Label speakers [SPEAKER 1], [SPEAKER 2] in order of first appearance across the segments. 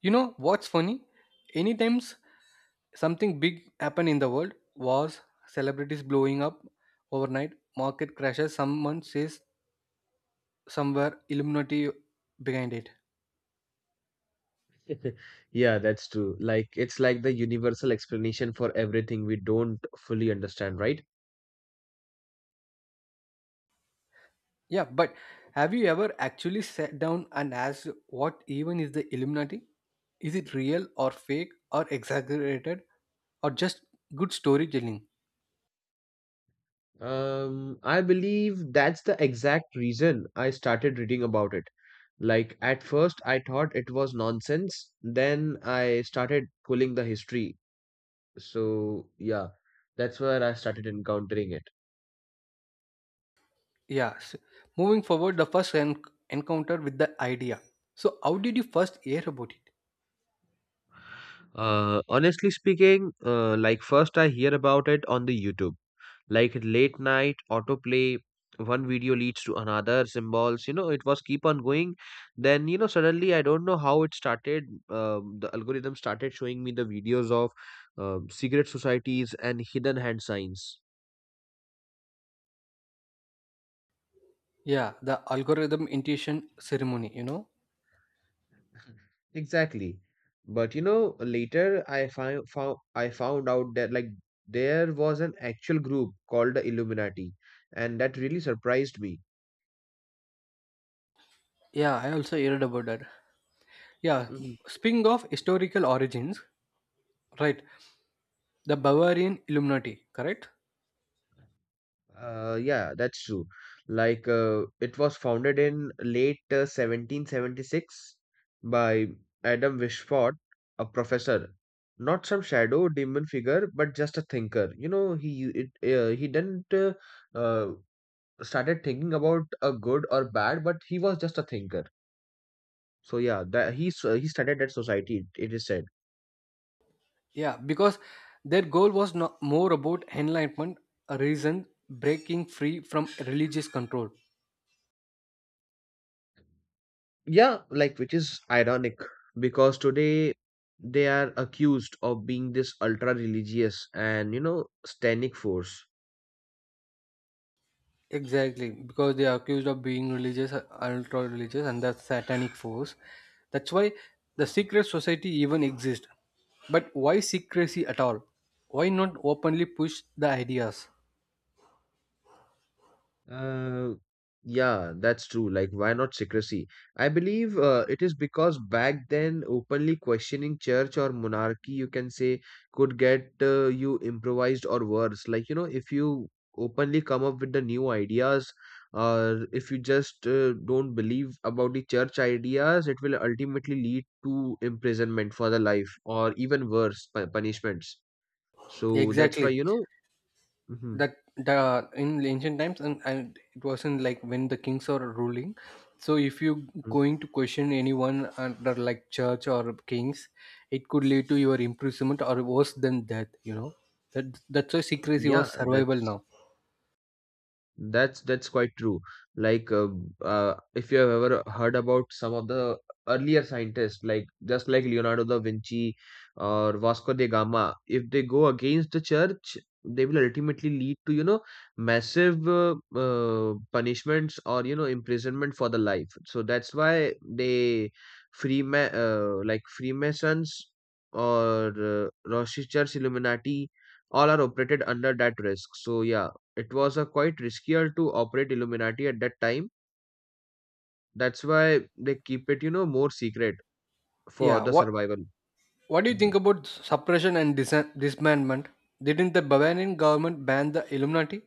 [SPEAKER 1] You know what's funny? Any times something big happened in the world, wars, celebrities blowing up overnight, market crashes, someone says somewhere Illuminati behind it.
[SPEAKER 2] Yeah, that's true. Like it's like the universal explanation for everything we don't fully understand, right?
[SPEAKER 1] Yeah, but have you ever actually sat down and asked what even is the Illuminati? Is it real or fake or exaggerated or just good storytelling?
[SPEAKER 2] I believe that's the exact reason I started reading about it. Like at first I thought it was nonsense, then I started pulling the history. So yeah, that's where I started encountering it.
[SPEAKER 1] Yeah. s- Moving forward, the first encounter with the idea. So, how did you first hear about it?
[SPEAKER 2] Honestly speaking, like first I hear about it on the YouTube. Like late night autoplay, one video leads to another symbols, it was keep on going. Then suddenly I don't know how it started. The algorithm started showing me the videos of secret societies and hidden hand signs.
[SPEAKER 1] Yeah, the algorithm intuition ceremony, you know.
[SPEAKER 2] Exactly. But later I found I found out that like there was an actual group called the Illuminati, and that really surprised me.
[SPEAKER 1] Yeah, I also heard about that. Yeah, speaking of historical origins, right? The Bavarian Illuminati, correct?
[SPEAKER 2] Yeah, that's true. Like, it was founded in late 1776 by Adam Wishford, a professor. Not some shadow demon figure, but just a thinker. You know, he it, he didn't uh, started thinking about a good or bad, but he was just a thinker. So yeah, he started that society. It is said.
[SPEAKER 1] Yeah, because their goal was not more about enlightenment, a reason breaking free from religious control.
[SPEAKER 2] Yeah, like which is ironic because today they are accused of being this ultra religious and satanic force.
[SPEAKER 1] Exactly, because they are accused of being religious, ultra religious, and the satanic force. That's why the secret society even exists. But why secrecy at all? Why not openly push the ideas?
[SPEAKER 2] Uh, yeah, that's true. Like, why not secrecy? I believe it is because back then, openly questioning church or monarchy, you can say, could get you improvised or worse. Like, you know, if you openly come up with the new ideas, or if you just don't believe about the church ideas, it will ultimately lead to imprisonment for the life or even worse, punishments. So that's why,
[SPEAKER 1] Exactly.
[SPEAKER 2] you know, hmm
[SPEAKER 1] That the in ancient times, and it wasn't like when the kings are ruling. So if you going to question anyone under like church or kings, it could lead to your imprisonment or worse than death. You know that's why secrecy
[SPEAKER 2] yeah,
[SPEAKER 1] was survival
[SPEAKER 2] that's.
[SPEAKER 1] now.
[SPEAKER 2] That's quite true. Like if you have ever heard about some of the earlier scientists, like just like Leonardo da Vinci or Vasco da Gama, if they go against the church, they will ultimately lead to massive punishments or imprisonment for the life. So that's why they Freema like Freemasons or Rosicrucians Illuminati all are operated under that risk. So yeah, it was a quite riskier to operate Illuminati at that time. That's why they keep it, you know, more secret for
[SPEAKER 1] Yeah,
[SPEAKER 2] the
[SPEAKER 1] what
[SPEAKER 2] survival.
[SPEAKER 1] what do you
[SPEAKER 2] Mhm.
[SPEAKER 1] think about suppression and dismantlement? Didn't the Bavarian government ban the Illuminati?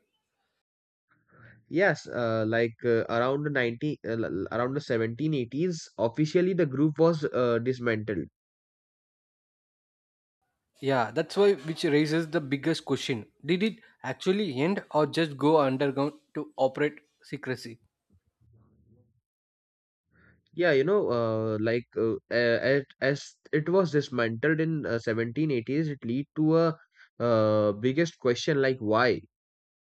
[SPEAKER 2] Yes, like around the around the 1780s, officially the group was dismantled.
[SPEAKER 1] Yeah, that's why which raises the biggest question. Did it actually end or just go underground to operate secrecy?
[SPEAKER 2] Yeah, you know, like as it was dismantled in 1780s, it lead to a biggest question like why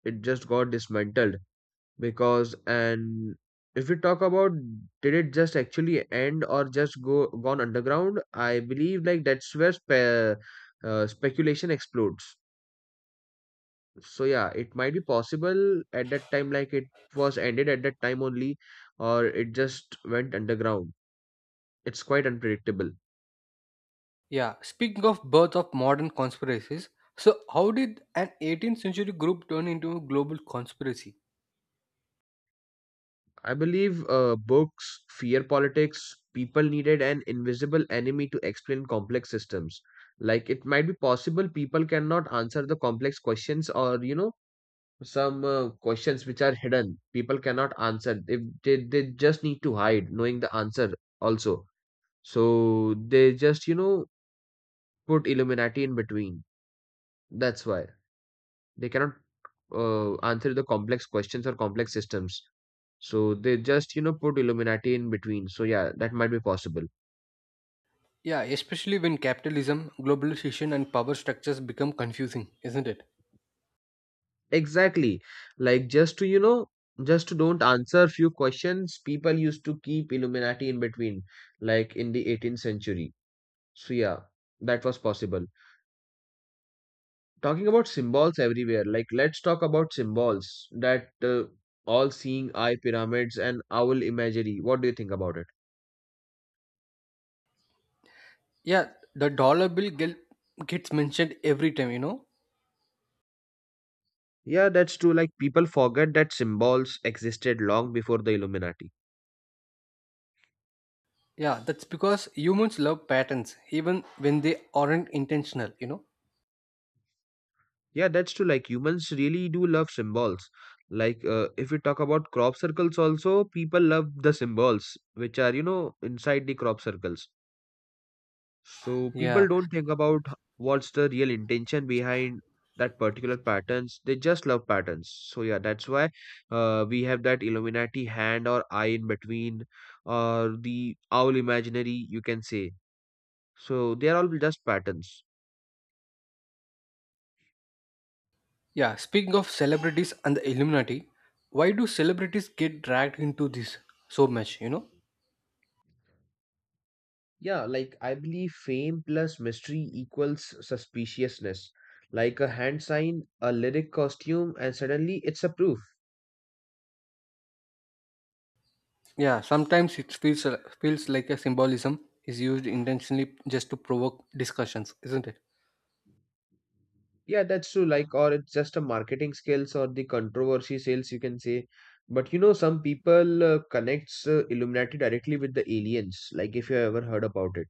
[SPEAKER 2] it just got dismantled because. And if we talk about did it just actually end or just go gone underground, I believe like that's where speculation explodes. So yeah, it might be possible at that time like it was ended at that time only, or it just went underground. It's quite unpredictable.
[SPEAKER 1] Yeah, speaking of birth of modern conspiracies, so how did an 18th century group turn into a global conspiracy?
[SPEAKER 2] I believe books, fear politics, people needed an invisible enemy to explain complex systems. Like it might be possible people cannot answer the complex questions or, you know, some questions which are hidden. People cannot answer. If they just need to hide knowing the answer also. So they just, you know, put Illuminati in between. That's why they cannot answer the complex questions or complex systems. So they just, you know, put Illuminati in between. So yeah, that might be possible.
[SPEAKER 1] Yeah, especially when capitalism, globalization and power structures become confusing, isn't it?
[SPEAKER 2] Exactly. Like just to, you know, just to don't answer few questions, people used to keep Illuminati in between, like in the 18th century. So yeah, that was possible. Talking about symbols everywhere, like let's talk about symbols that all-seeing eye pyramids and owl imagery. What do you think about it?
[SPEAKER 1] Yeah, the dollar bill gets mentioned every time, you know.
[SPEAKER 2] Yeah, that's true. Like people forget that symbols existed long before the Illuminati.
[SPEAKER 1] Yeah, that's because humans love patterns, even when they aren't intentional, you know.
[SPEAKER 2] Yeah, that's true. Like humans really do love symbols. Like if we talk about crop circles, also people love the symbols which are inside the crop circles. So people
[SPEAKER 1] Yeah,
[SPEAKER 2] don't think about what's the real intention behind that particular patterns. They just love patterns. So yeah, that's why we have that Illuminati hand or eye in between, or the owl imaginary, you can say. So they are all just patterns.
[SPEAKER 1] yeah. Speaking of celebrities and the Illuminati, why do celebrities get dragged into this so much, you know?
[SPEAKER 2] Yeah, like I believe fame plus mystery equals suspiciousness. Like a hand sign, a lyric costume, and suddenly it's a proof.
[SPEAKER 1] Yeah, sometimes it feels like a symbolism is used intentionally just to provoke discussions, isn't it?
[SPEAKER 2] Yeah, that's true. Like, or it's just a marketing skills or the controversy sales, you can say. But you know, some people connects Illuminati directly with the aliens. Like, if you ever heard about it,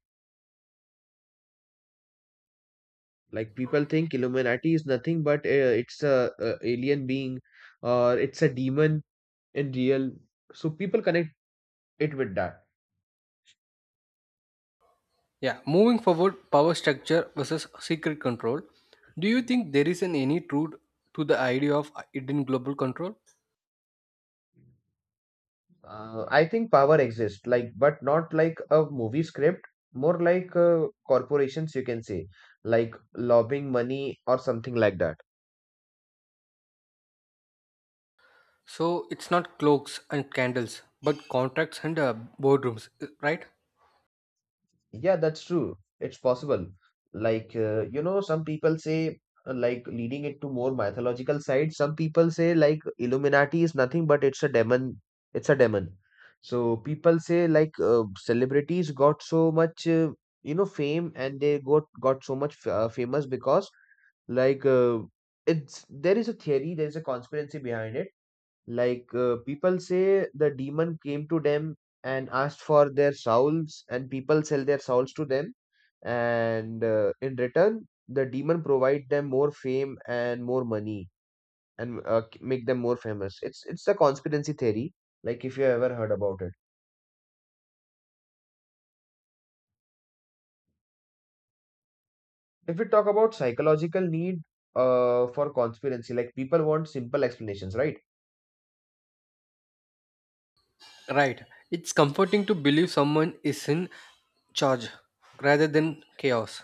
[SPEAKER 2] like people think Illuminati is nothing but it's a alien being, or it's a demon in real. So people connect it with that.
[SPEAKER 1] Yeah, moving forward, power structure versus secret control. Do you think there is an any truth to the idea of hidden global control?
[SPEAKER 2] I think power exists, like, but not like a movie script, more like corporations, you can say, like lobbying money or something like that.
[SPEAKER 1] So it's not cloaks and candles, but contracts and boardrooms, right?
[SPEAKER 2] Yeah, that's true. It's possible. Like, you know, some people say, like, leading it to more mythological side, some people say, like, Illuminati is nothing but it's a demon. It's a demon. So people say, like, celebrities got so much, you know, fame and they got so much famous because like it's there is a theory, there is a conspiracy behind it. Like people say the demon came to them and asked for their souls and people sell their souls to them, and in return the demon provide them more fame and more money, and make them more famous. It's a conspiracy theory, like if you ever heard about it. If we talk about psychological need for conspiracy, like people want simple explanations, right?
[SPEAKER 1] Right. It's comforting to believe someone is in charge rather than chaos.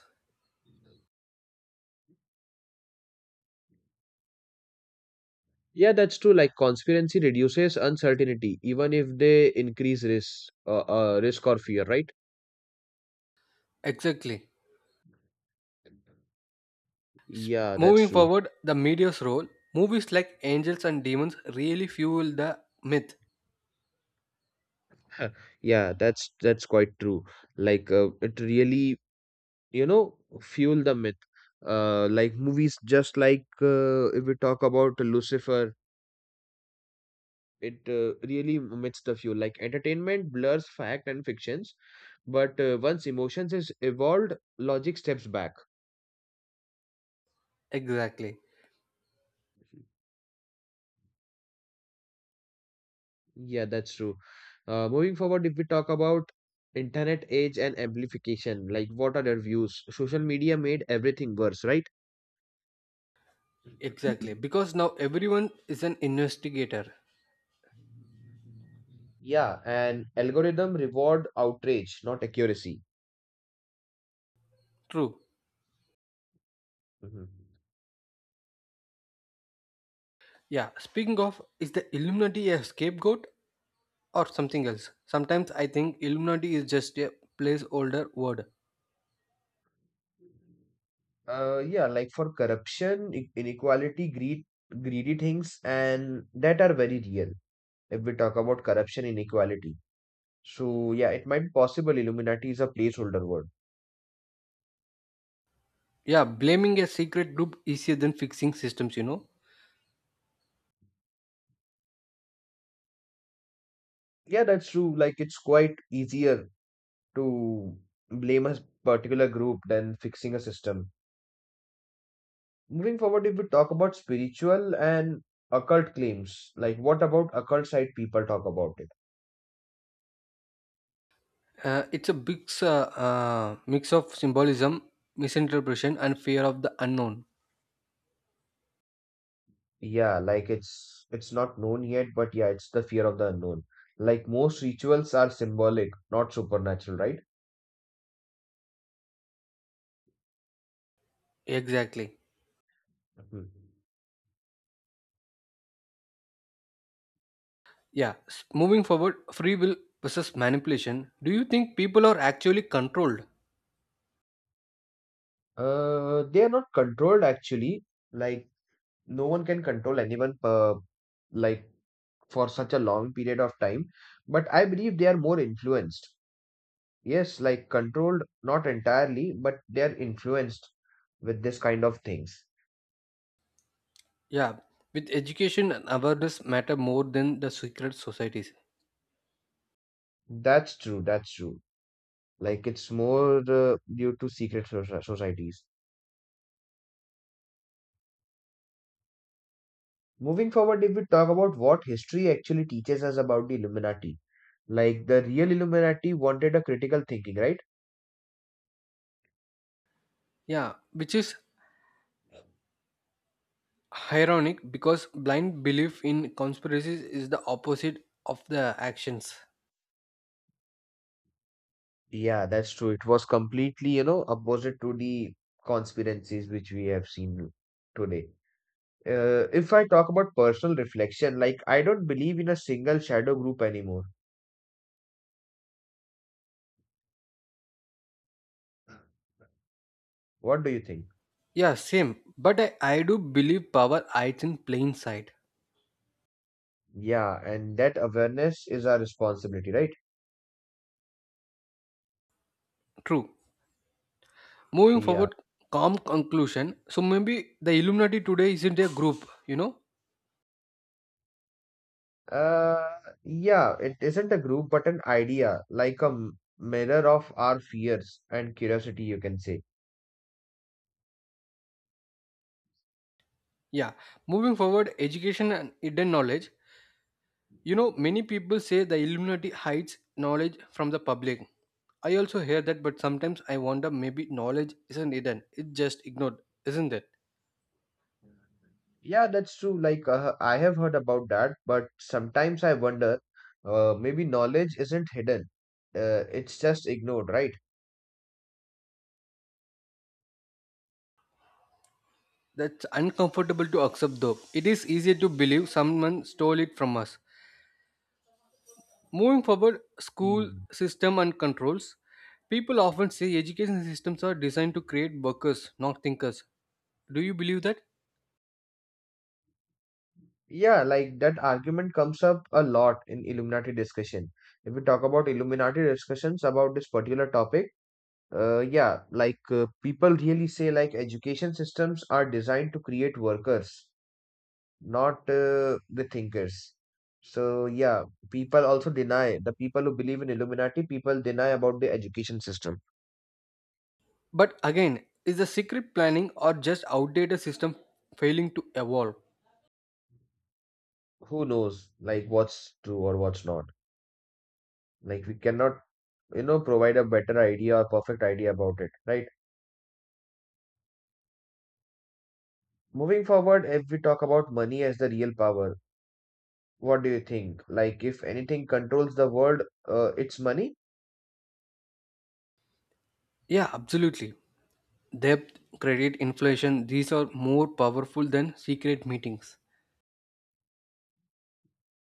[SPEAKER 2] Yeah, that's true. Like conspiracy reduces uncertainty, even if they increase risk, risk or fear, right?
[SPEAKER 1] Exactly.
[SPEAKER 2] Yeah, that's
[SPEAKER 1] Moving
[SPEAKER 2] true.
[SPEAKER 1] forward, the media's role. Movies like Angels and Demons really fuel the myth.
[SPEAKER 2] Yeah, that's quite true. Like it really, you know, fuel the myth. Like movies, just like if we talk about Lucifer, it really omits the fuel. Like entertainment blurs fact and fictions, but once emotions is evolved, logic steps back.
[SPEAKER 1] Exactly.
[SPEAKER 2] Yeah, that's true. Moving forward, if we talk about internet age and amplification, like what are their views? Social media made everything worse, right?
[SPEAKER 1] Exactly. Because now everyone is an investigator.
[SPEAKER 2] Yeah, and algorithm reward outrage, not accuracy.
[SPEAKER 1] True.
[SPEAKER 2] Mhm.
[SPEAKER 1] Yeah. Speaking of, is the Illuminati a scapegoat or something else? Sometimes I think Illuminati is just a placeholder word.
[SPEAKER 2] Yeah, like for corruption, inequality, greed, greedy things, and that are very real if we talk about corruption, inequality. So, yeah, it might be possible Illuminati is a placeholder word.
[SPEAKER 1] Yeah, blaming a secret group easier than fixing systems. You know,
[SPEAKER 2] Yeah, that's true. Like, it's quite easier to blame a particular group than fixing a system. Moving forward, if we talk about spiritual and occult claims, like what about occult side people talk about it?
[SPEAKER 1] it's a big mix of symbolism, misinterpretation, and fear of the unknown.
[SPEAKER 2] Yeah, like it's not known yet, but yeah, it's the fear of the unknown. Like most rituals are symbolic, not supernatural, right?
[SPEAKER 1] Exactly.
[SPEAKER 2] Mhm.
[SPEAKER 1] Moving forward, free will versus manipulation. Do you think people are actually controlled?
[SPEAKER 2] They are not controlled actually. Like no one can control anyone like for such a long period of time, but I believe they are more influenced. Yes, like controlled, not entirely, but they're influenced with this kind of things.
[SPEAKER 1] Yeah. With education and awareness matter more than the secret societies.
[SPEAKER 2] That's true, that's true. Like it's more due to societies. Moving forward, if we talk about what history actually teaches us about the Illuminati, like the real Illuminati wanted a critical thinking, right?
[SPEAKER 1] Yeah, which is ironic because blind belief in conspiracies is the opposite of the actions.
[SPEAKER 2] Yeah, that's true. It was completely, you know, opposite to the conspiracies which we have seen today. If I talk about personal reflection, like I don't believe in a single shadow group anymore. What do you think?
[SPEAKER 1] Yeah, same. But I do believe power hides in plain sight.
[SPEAKER 2] Yeah, and that awareness is our responsibility, right?
[SPEAKER 1] True. Moving
[SPEAKER 2] Yeah.
[SPEAKER 1] forward, calm conclusion. So maybe the Illuminati today isn't a group, you know?
[SPEAKER 2] Uh, yeah, it isn't a group, but an idea, like a mirror of our fears and curiosity, you can say.
[SPEAKER 1] Yeah. Moving forward, education and hidden knowledge. You know, many people say the Illuminati hides knowledge from the public. I also hear that, but sometimes I wonder maybe knowledge isn't hidden, it's just ignored, isn't it?
[SPEAKER 2] Yeah, that's true. Like, I have heard about that, but sometimes I wonder, maybe knowledge isn't hidden. It's just ignored, right?
[SPEAKER 1] That's uncomfortable to accept though. It is easier to believe someone stole it from us. Moving forward, school
[SPEAKER 2] Hmm.
[SPEAKER 1] system and controls. People often say education systems are designed to create workers, not thinkers. Do you believe that?
[SPEAKER 2] Yeah, like that argument comes up a lot in Illuminati discussion. If we talk about Illuminati discussions about this particular topic, yeah, like people really say like education systems are designed to create workers, not the thinkers. So yeah, people also deny the people who believe in Illuminati, people deny about the education system.
[SPEAKER 1] But again, is the secret planning or just outdated system failing to evolve?
[SPEAKER 2] Who knows like what's true or what's not? Like we cannot, you know, provide a better idea or perfect idea about it, right? Moving forward, if we talk about money as the real power, what do you think? Like, if anything controls the world, it's money?
[SPEAKER 1] Yeah, absolutely. Debt, credit, inflation, these are more powerful than secret meetings.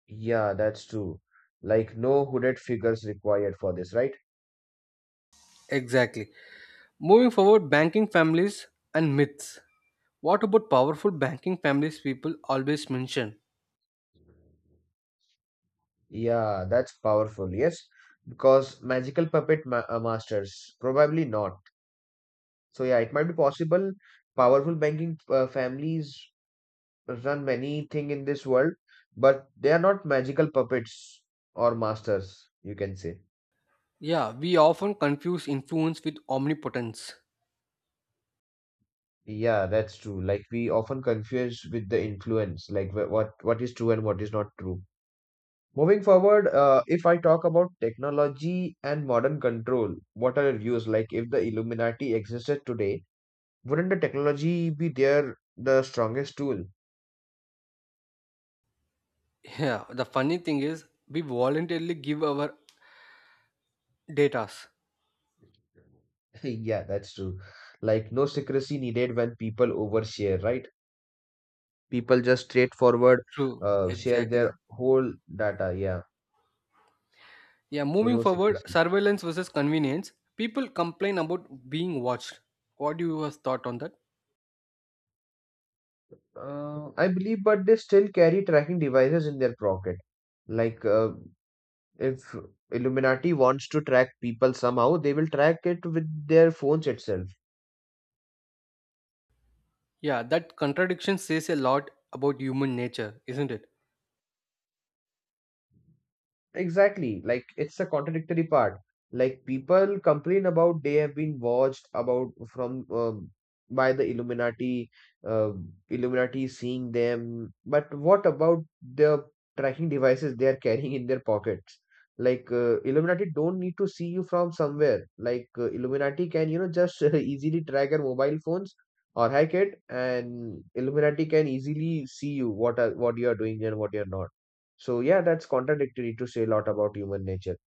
[SPEAKER 2] Yeah, that's true. Like, no hooded figures required for this, right?
[SPEAKER 1] Exactly. Moving forward, banking families and myths. What about powerful banking families people always mention?
[SPEAKER 2] Yeah, that's powerful, yes. Because magical puppet ma masters, probably not. So, yeah, it might be possible. Powerful banking families run many thing in this world, but they are not magical puppets or masters, you can say.
[SPEAKER 1] Yeah, we often confuse influence with omnipotence.
[SPEAKER 2] Yeah, that's true. Like we often confuse with the influence, like what is true and what is not true. Moving forward, if I talk about technology and modern control, what are your views? Like if the Illuminati existed today, wouldn't the technology be the strongest tool?
[SPEAKER 1] Yeah, the funny thing is we voluntarily give our datas.
[SPEAKER 2] Yeah, that's true. Like no secrecy needed when people overshare, right? People just straightforward
[SPEAKER 1] True,
[SPEAKER 2] share
[SPEAKER 1] exactly.
[SPEAKER 2] their whole data. Yeah,
[SPEAKER 1] Yeah,
[SPEAKER 2] so
[SPEAKER 1] moving
[SPEAKER 2] no
[SPEAKER 1] forward,
[SPEAKER 2] secrecy.
[SPEAKER 1] surveillance versus convenience. People complain about being watched. What do you have thought on that?
[SPEAKER 2] I believe, but they still carry tracking devices in their pocket. Like, uh, if Illuminati wants to track people somehow, they will track it with their phones itself.
[SPEAKER 1] Yeah, that contradiction says a lot about human nature, isn't it?
[SPEAKER 2] Exactly. Like it's a contradictory part. Like people complain about they have been watched about from by the Illuminati, uh, Illuminati seeing them. But what about the tracking devices they are carrying in their pockets? Like Illuminati don't need to see you from somewhere. Like Illuminati can you know just easily track your mobile phones or hack it, and Illuminati can easily see you what you are doing and what you are not. So yeah, that's contradictory to say a lot about human nature.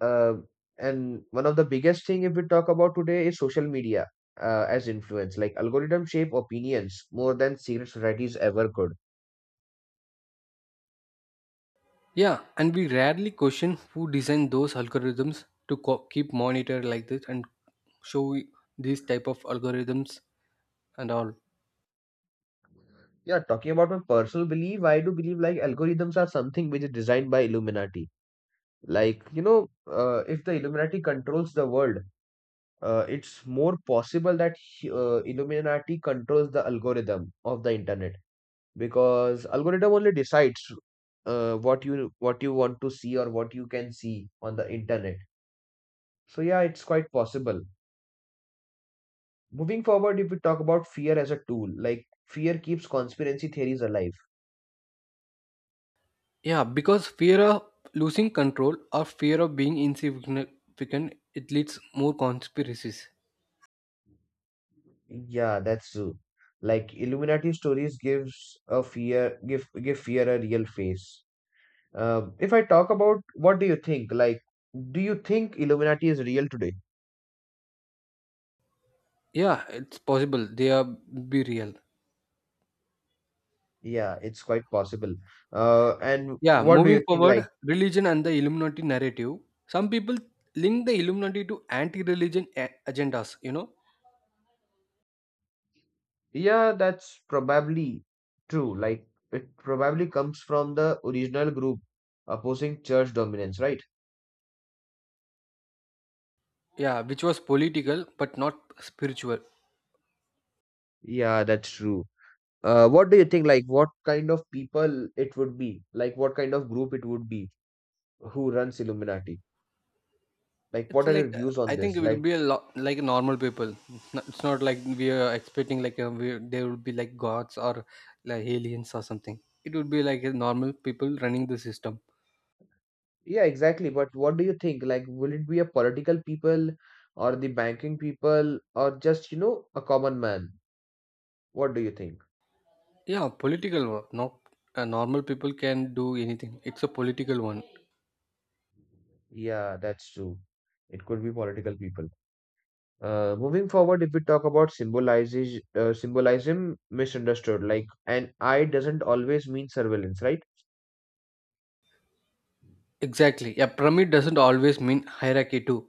[SPEAKER 2] Uh, and one of the biggest thing if we talk about today is social media as influence. Like algorithm shape opinions more than civil societies ever could.
[SPEAKER 1] Yeah, and we rarely question who designed those algorithms to keep monitor like this and show these type of algorithms and all.
[SPEAKER 2] Yeah, talking about my personal belief, I do believe like algorithms are something which is designed by Illuminati. Like you know, if the Illuminati controls the world, it's more possible that Illuminati controls the algorithm of the internet, because algorithm only decides what you want to see or what you can see on the internet. So yeah, it's quite possible. Moving forward, if we talk about fear as a tool, like fear keeps conspiracy theories alive.
[SPEAKER 1] Yeah, because fear of losing control or fear of being insignificant, it leads more conspiracies.
[SPEAKER 2] Yeah, that's true. Like Illuminati stories gives a fear, give fear a real face. If I talk about, what do you think? Like, do you think Illuminati is real today?
[SPEAKER 1] Yeah, it's possible. They are be real.
[SPEAKER 2] Yeah, it's quite possible. And
[SPEAKER 1] Yeah,
[SPEAKER 2] what do you
[SPEAKER 1] moving
[SPEAKER 2] think? Like,
[SPEAKER 1] forward, religion and the Illuminati narrative. Some people link the Illuminati to anti-religion agendas. You know,
[SPEAKER 2] yeah, that's probably true. Like, it probably comes from the original group opposing church dominance, right?
[SPEAKER 1] yeah, which was political but not spiritual.
[SPEAKER 2] Yeah, that's true. What do you think? Like, what kind of people it would be? Like, what kind of group it would be who runs Illuminati? Like,
[SPEAKER 1] It's
[SPEAKER 2] what are your
[SPEAKER 1] like
[SPEAKER 2] views on
[SPEAKER 1] I think
[SPEAKER 2] this?
[SPEAKER 1] it will
[SPEAKER 2] Like,
[SPEAKER 1] be a lot like normal people. It's not like we are expecting like there will be like gods or like aliens or something. It would be like a normal people running the system.
[SPEAKER 2] yeah, exactly. But what do you think? Like, will it be a political people or the banking people or just, you know, a common man? What do you think?
[SPEAKER 1] Yeah, political one. Not normal people can do anything. It's a political one.
[SPEAKER 2] Yeah, that's true. It could be political people. Moving forward, if we talk about symbolizes symbolism misunderstood, like an eye doesn't always mean surveillance, right?
[SPEAKER 1] Exactly. Yeah, pyramid doesn't always mean hierarchy too.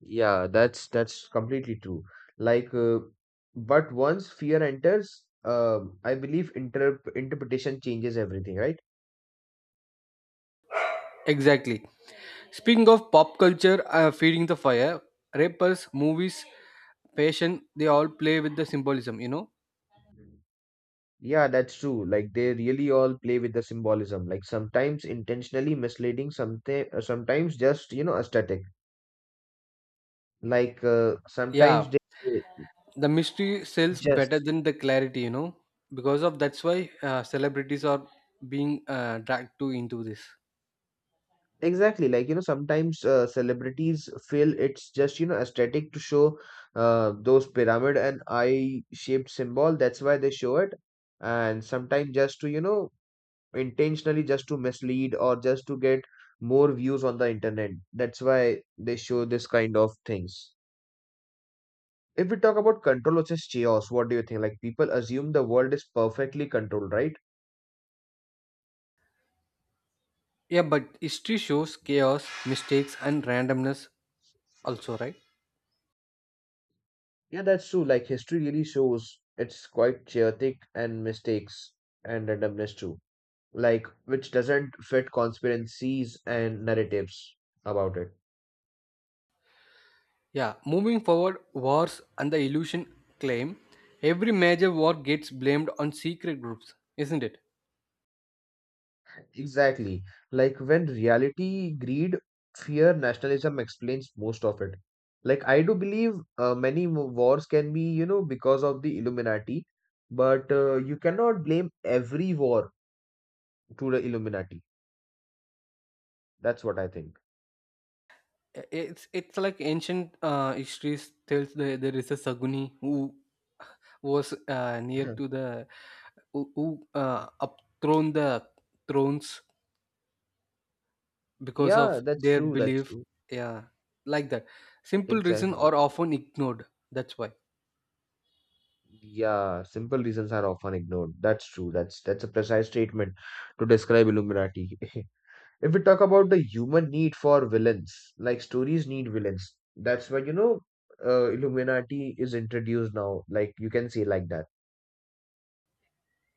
[SPEAKER 2] Yeah, that's completely true. Like, uh, but once fear enters, I believe interpretation changes everything, right?
[SPEAKER 1] Exactly. Speaking of pop culture, feeding the fire, rappers, movies, fashion, they all play with the symbolism. You know.
[SPEAKER 2] Yeah, that's true. Like they really all play with the symbolism, like sometimes intentionally misleading, something sometimes just you know aesthetic. Like sometimes
[SPEAKER 1] Yeah.
[SPEAKER 2] they
[SPEAKER 1] The mystery sells better
[SPEAKER 2] just.
[SPEAKER 1] than the clarity, you know, because of that's why celebrities are being dragged to into this.
[SPEAKER 2] Exactly, like you know, sometimes celebrities feel it's just you know aesthetic to show those pyramid and eye-shaped symbol. That's why they show it, and sometimes just to you know intentionally just to mislead or just to get more views on the internet. That's why they show this kind of things. If we talk about control versus chaos, what do you think? Like people assume the world is perfectly controlled, right?
[SPEAKER 1] Yeah, but history shows chaos, mistakes and randomness also, right?
[SPEAKER 2] Yeah, that's true. Like history really shows it's quite chaotic and mistakes and randomness too. Like which doesn't fit conspiracies and narratives about it.
[SPEAKER 1] Yeah, moving forward, wars and the illusion claim. Every major war gets blamed on secret groups, isn't it?
[SPEAKER 2] Exactly. Like when reality, greed, fear, nationalism explains most of it. Like I do believe wars can be, you know, because of the Illuminati, but you cannot blame every war to the Illuminati. That's what I think.
[SPEAKER 1] It's like ancient histories tells the, there is a Saguni who was near to the who upthrown the thrones because
[SPEAKER 2] Yeah,
[SPEAKER 1] of
[SPEAKER 2] that's
[SPEAKER 1] their
[SPEAKER 2] true. That's
[SPEAKER 1] belief.
[SPEAKER 2] true.
[SPEAKER 1] Yeah, like that simple reason
[SPEAKER 2] Exactly.
[SPEAKER 1] are often ignored, that's why.
[SPEAKER 2] Yeah, simple reasons are often ignored. That's true. That's a precise statement to describe Illuminati. If we talk about the human need for villains, like stories need villains. That's why, you know, Illuminati is introduced now. Like you can say like that.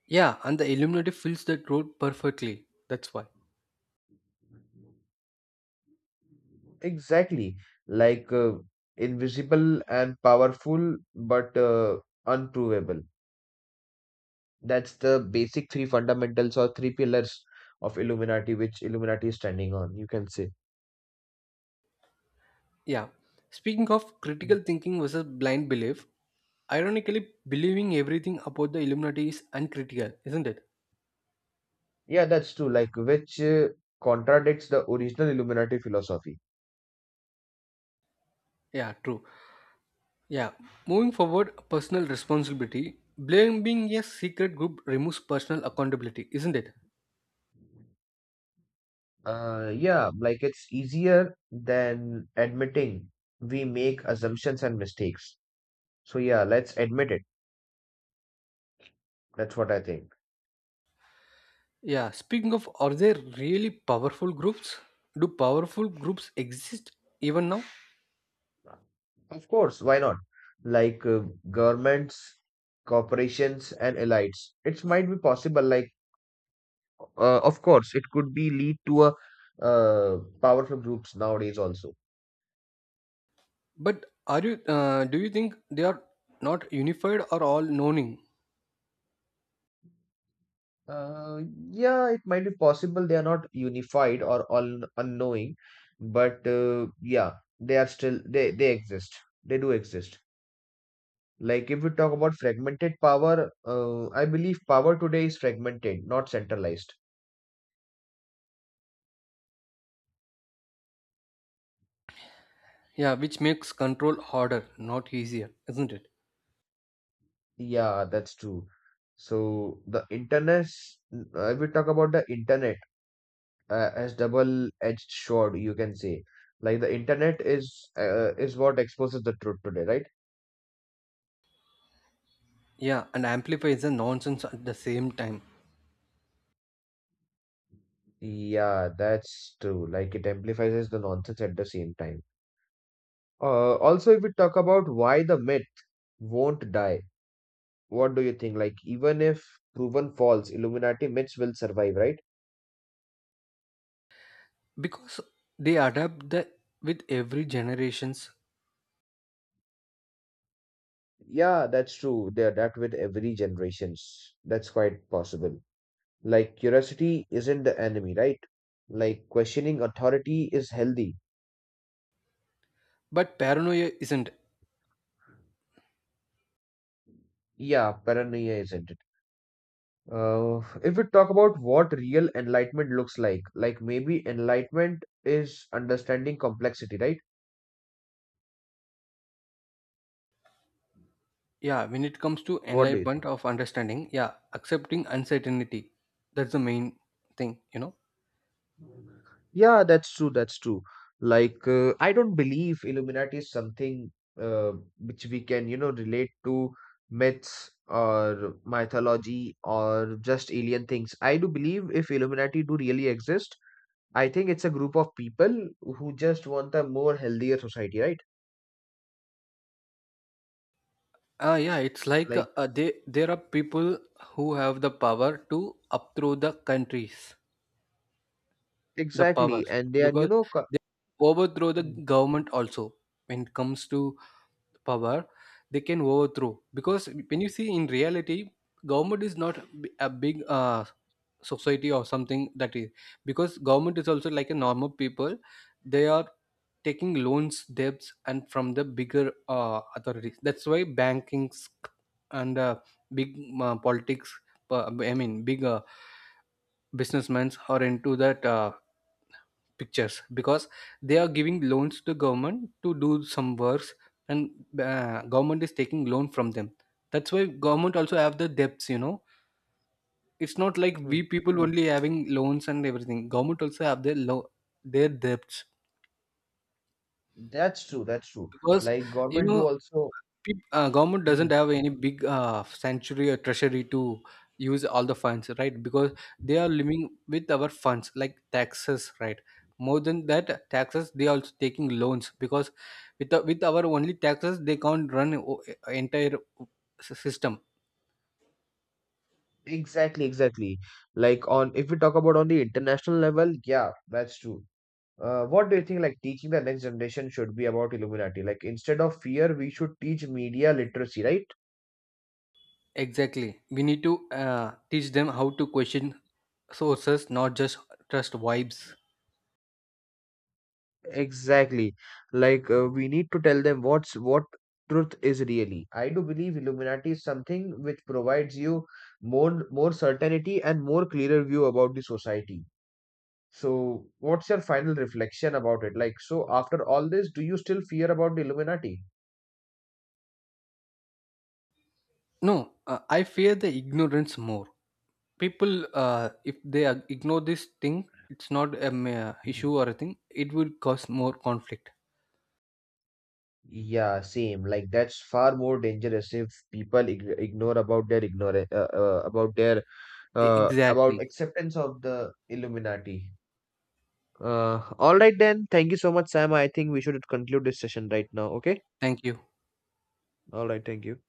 [SPEAKER 1] Yeah, and the Illuminati fills that role perfectly, that's why.
[SPEAKER 2] Exactly. Like invisible and powerful, but unprovable. That's the basic three fundamentals or three pillars of Illuminati, which Illuminati is standing on, you can say.
[SPEAKER 1] Yeah, speaking of critical thinking versus blind belief, ironically, believing everything about the Illuminati is uncritical, isn't it?
[SPEAKER 2] Yeah, that's true. Like, which contradicts the original Illuminati philosophy.
[SPEAKER 1] Yeah, true. Yeah, moving forward, personal responsibility. Blaming a secret group removes personal accountability, isn't it?
[SPEAKER 2] Yeah, like it's easier than admitting we make assumptions and mistakes. So, yeah, let's admit it. That's what I think.
[SPEAKER 1] Yeah, speaking of, are there really powerful groups? Do powerful groups exist even now?
[SPEAKER 2] Of course, why not? Like, governments, corporations, and elites. It might be possible, like, of course, it could be lead to a powerful groups nowadays also.
[SPEAKER 1] But are you? Do you think they are not unified or all knowing?
[SPEAKER 2] Uh, yeah, it might be possible they are not unified or all unknowing, but yeah, they are still they exist. They do exist. Like if we talk about fragmented power, I believe power today is fragmented, not centralized.
[SPEAKER 1] Yeah, which makes control harder, not easier, isn't it?
[SPEAKER 2] Yeah, that's true. So the internet, if we talk about the internet as double-edged sword, you can say, like the internet is what exposes the truth today, right?
[SPEAKER 1] Yeah, and amplifies the nonsense at the same time
[SPEAKER 2] Yeah, that's true. Like it amplifies the nonsense at the same time. Also, if we talk about why the myth won't die, what do you think? Like even if proven false, Illuminati myths will survive, right?
[SPEAKER 1] because they adapt the with every generations.
[SPEAKER 2] Yeah, that's true. They adapt with every generations. That's quite possible. Like curiosity isn't the enemy, right? Like questioning authority is healthy.
[SPEAKER 1] But paranoia isn't.
[SPEAKER 2] Yeah, paranoia isn't. If we talk about what real enlightenment looks like maybe enlightenment is understanding complexity, right?
[SPEAKER 1] Yeah, when it comes to
[SPEAKER 2] What do you think?
[SPEAKER 1] enlightenment of understanding, yeah, accepting uncertainty, that's the main thing, you know.
[SPEAKER 2] Yeah, that's true. That's true. Like, I don't believe Illuminati is something uh, which we can, you know, relate to myths or mythology or just alien things. I do believe if Illuminati do really exist, I think it's a group of people who just want a more healthier society, right?
[SPEAKER 1] Ah, yeah, it's like
[SPEAKER 2] Like,
[SPEAKER 1] they there are people who have the power to upthrow the countries, the
[SPEAKER 2] exactly.
[SPEAKER 1] powers,
[SPEAKER 2] And they are, you
[SPEAKER 1] because
[SPEAKER 2] know, co-.
[SPEAKER 1] they overthrow the
[SPEAKER 2] Mm.
[SPEAKER 1] government also. When it comes to power, they can overthrow, because when you see in reality, government is not a big society or something that is, because government is also like a normal people. They are taking loans, debts and from the bigger authorities. That's why banking and big politics, I mean big businessmen are into that pictures, because they are giving loans to government to do some works, and government is taking loan from them. That's why government also have the debts, you know. It's not like
[SPEAKER 2] Mhm.
[SPEAKER 1] we people only having loans and everything, government also have their their debts,
[SPEAKER 2] That's true. That's true.
[SPEAKER 1] because
[SPEAKER 2] Like
[SPEAKER 1] you
[SPEAKER 2] government do
[SPEAKER 1] know,
[SPEAKER 2] also.
[SPEAKER 1] government
[SPEAKER 2] Mhm.
[SPEAKER 1] doesn't have any big sanctuary or treasury to use all the funds, right? Because they are living with our funds like taxes, right? More than that taxes, they are also taking loans, because with our only taxes they can't run entire system.
[SPEAKER 2] Exactly, exactly. Like on if we talk about on the international level, yeah, that's true. What do you think like teaching the next generation should be about Illuminati? Like instead of fear, we should teach media literacy, right?
[SPEAKER 1] Exactly, we need to teach them how to question sources, not just trust vibes.
[SPEAKER 2] Exactly. Like we need to tell them what's what truth is really. I do believe Illuminati is something which provides you more certainty and more clearer view about the society. So, what's your final reflection about it? Like, so after all this, do you still fear about the Illuminati?
[SPEAKER 1] No, I fear the ignorance more. People, if they ignore this thing, it's not an issue
[SPEAKER 2] Mhm.
[SPEAKER 1] or a thing, it will cause more conflict.
[SPEAKER 2] Yeah, same. Like that's far more dangerous if people ig ignore about their about
[SPEAKER 1] Exactly.
[SPEAKER 2] acceptance of the Illuminati. All right then. Thank you so much, Sam. I think we should conclude this session right now. Okay.
[SPEAKER 1] Thank you.
[SPEAKER 2] All right. Thank you.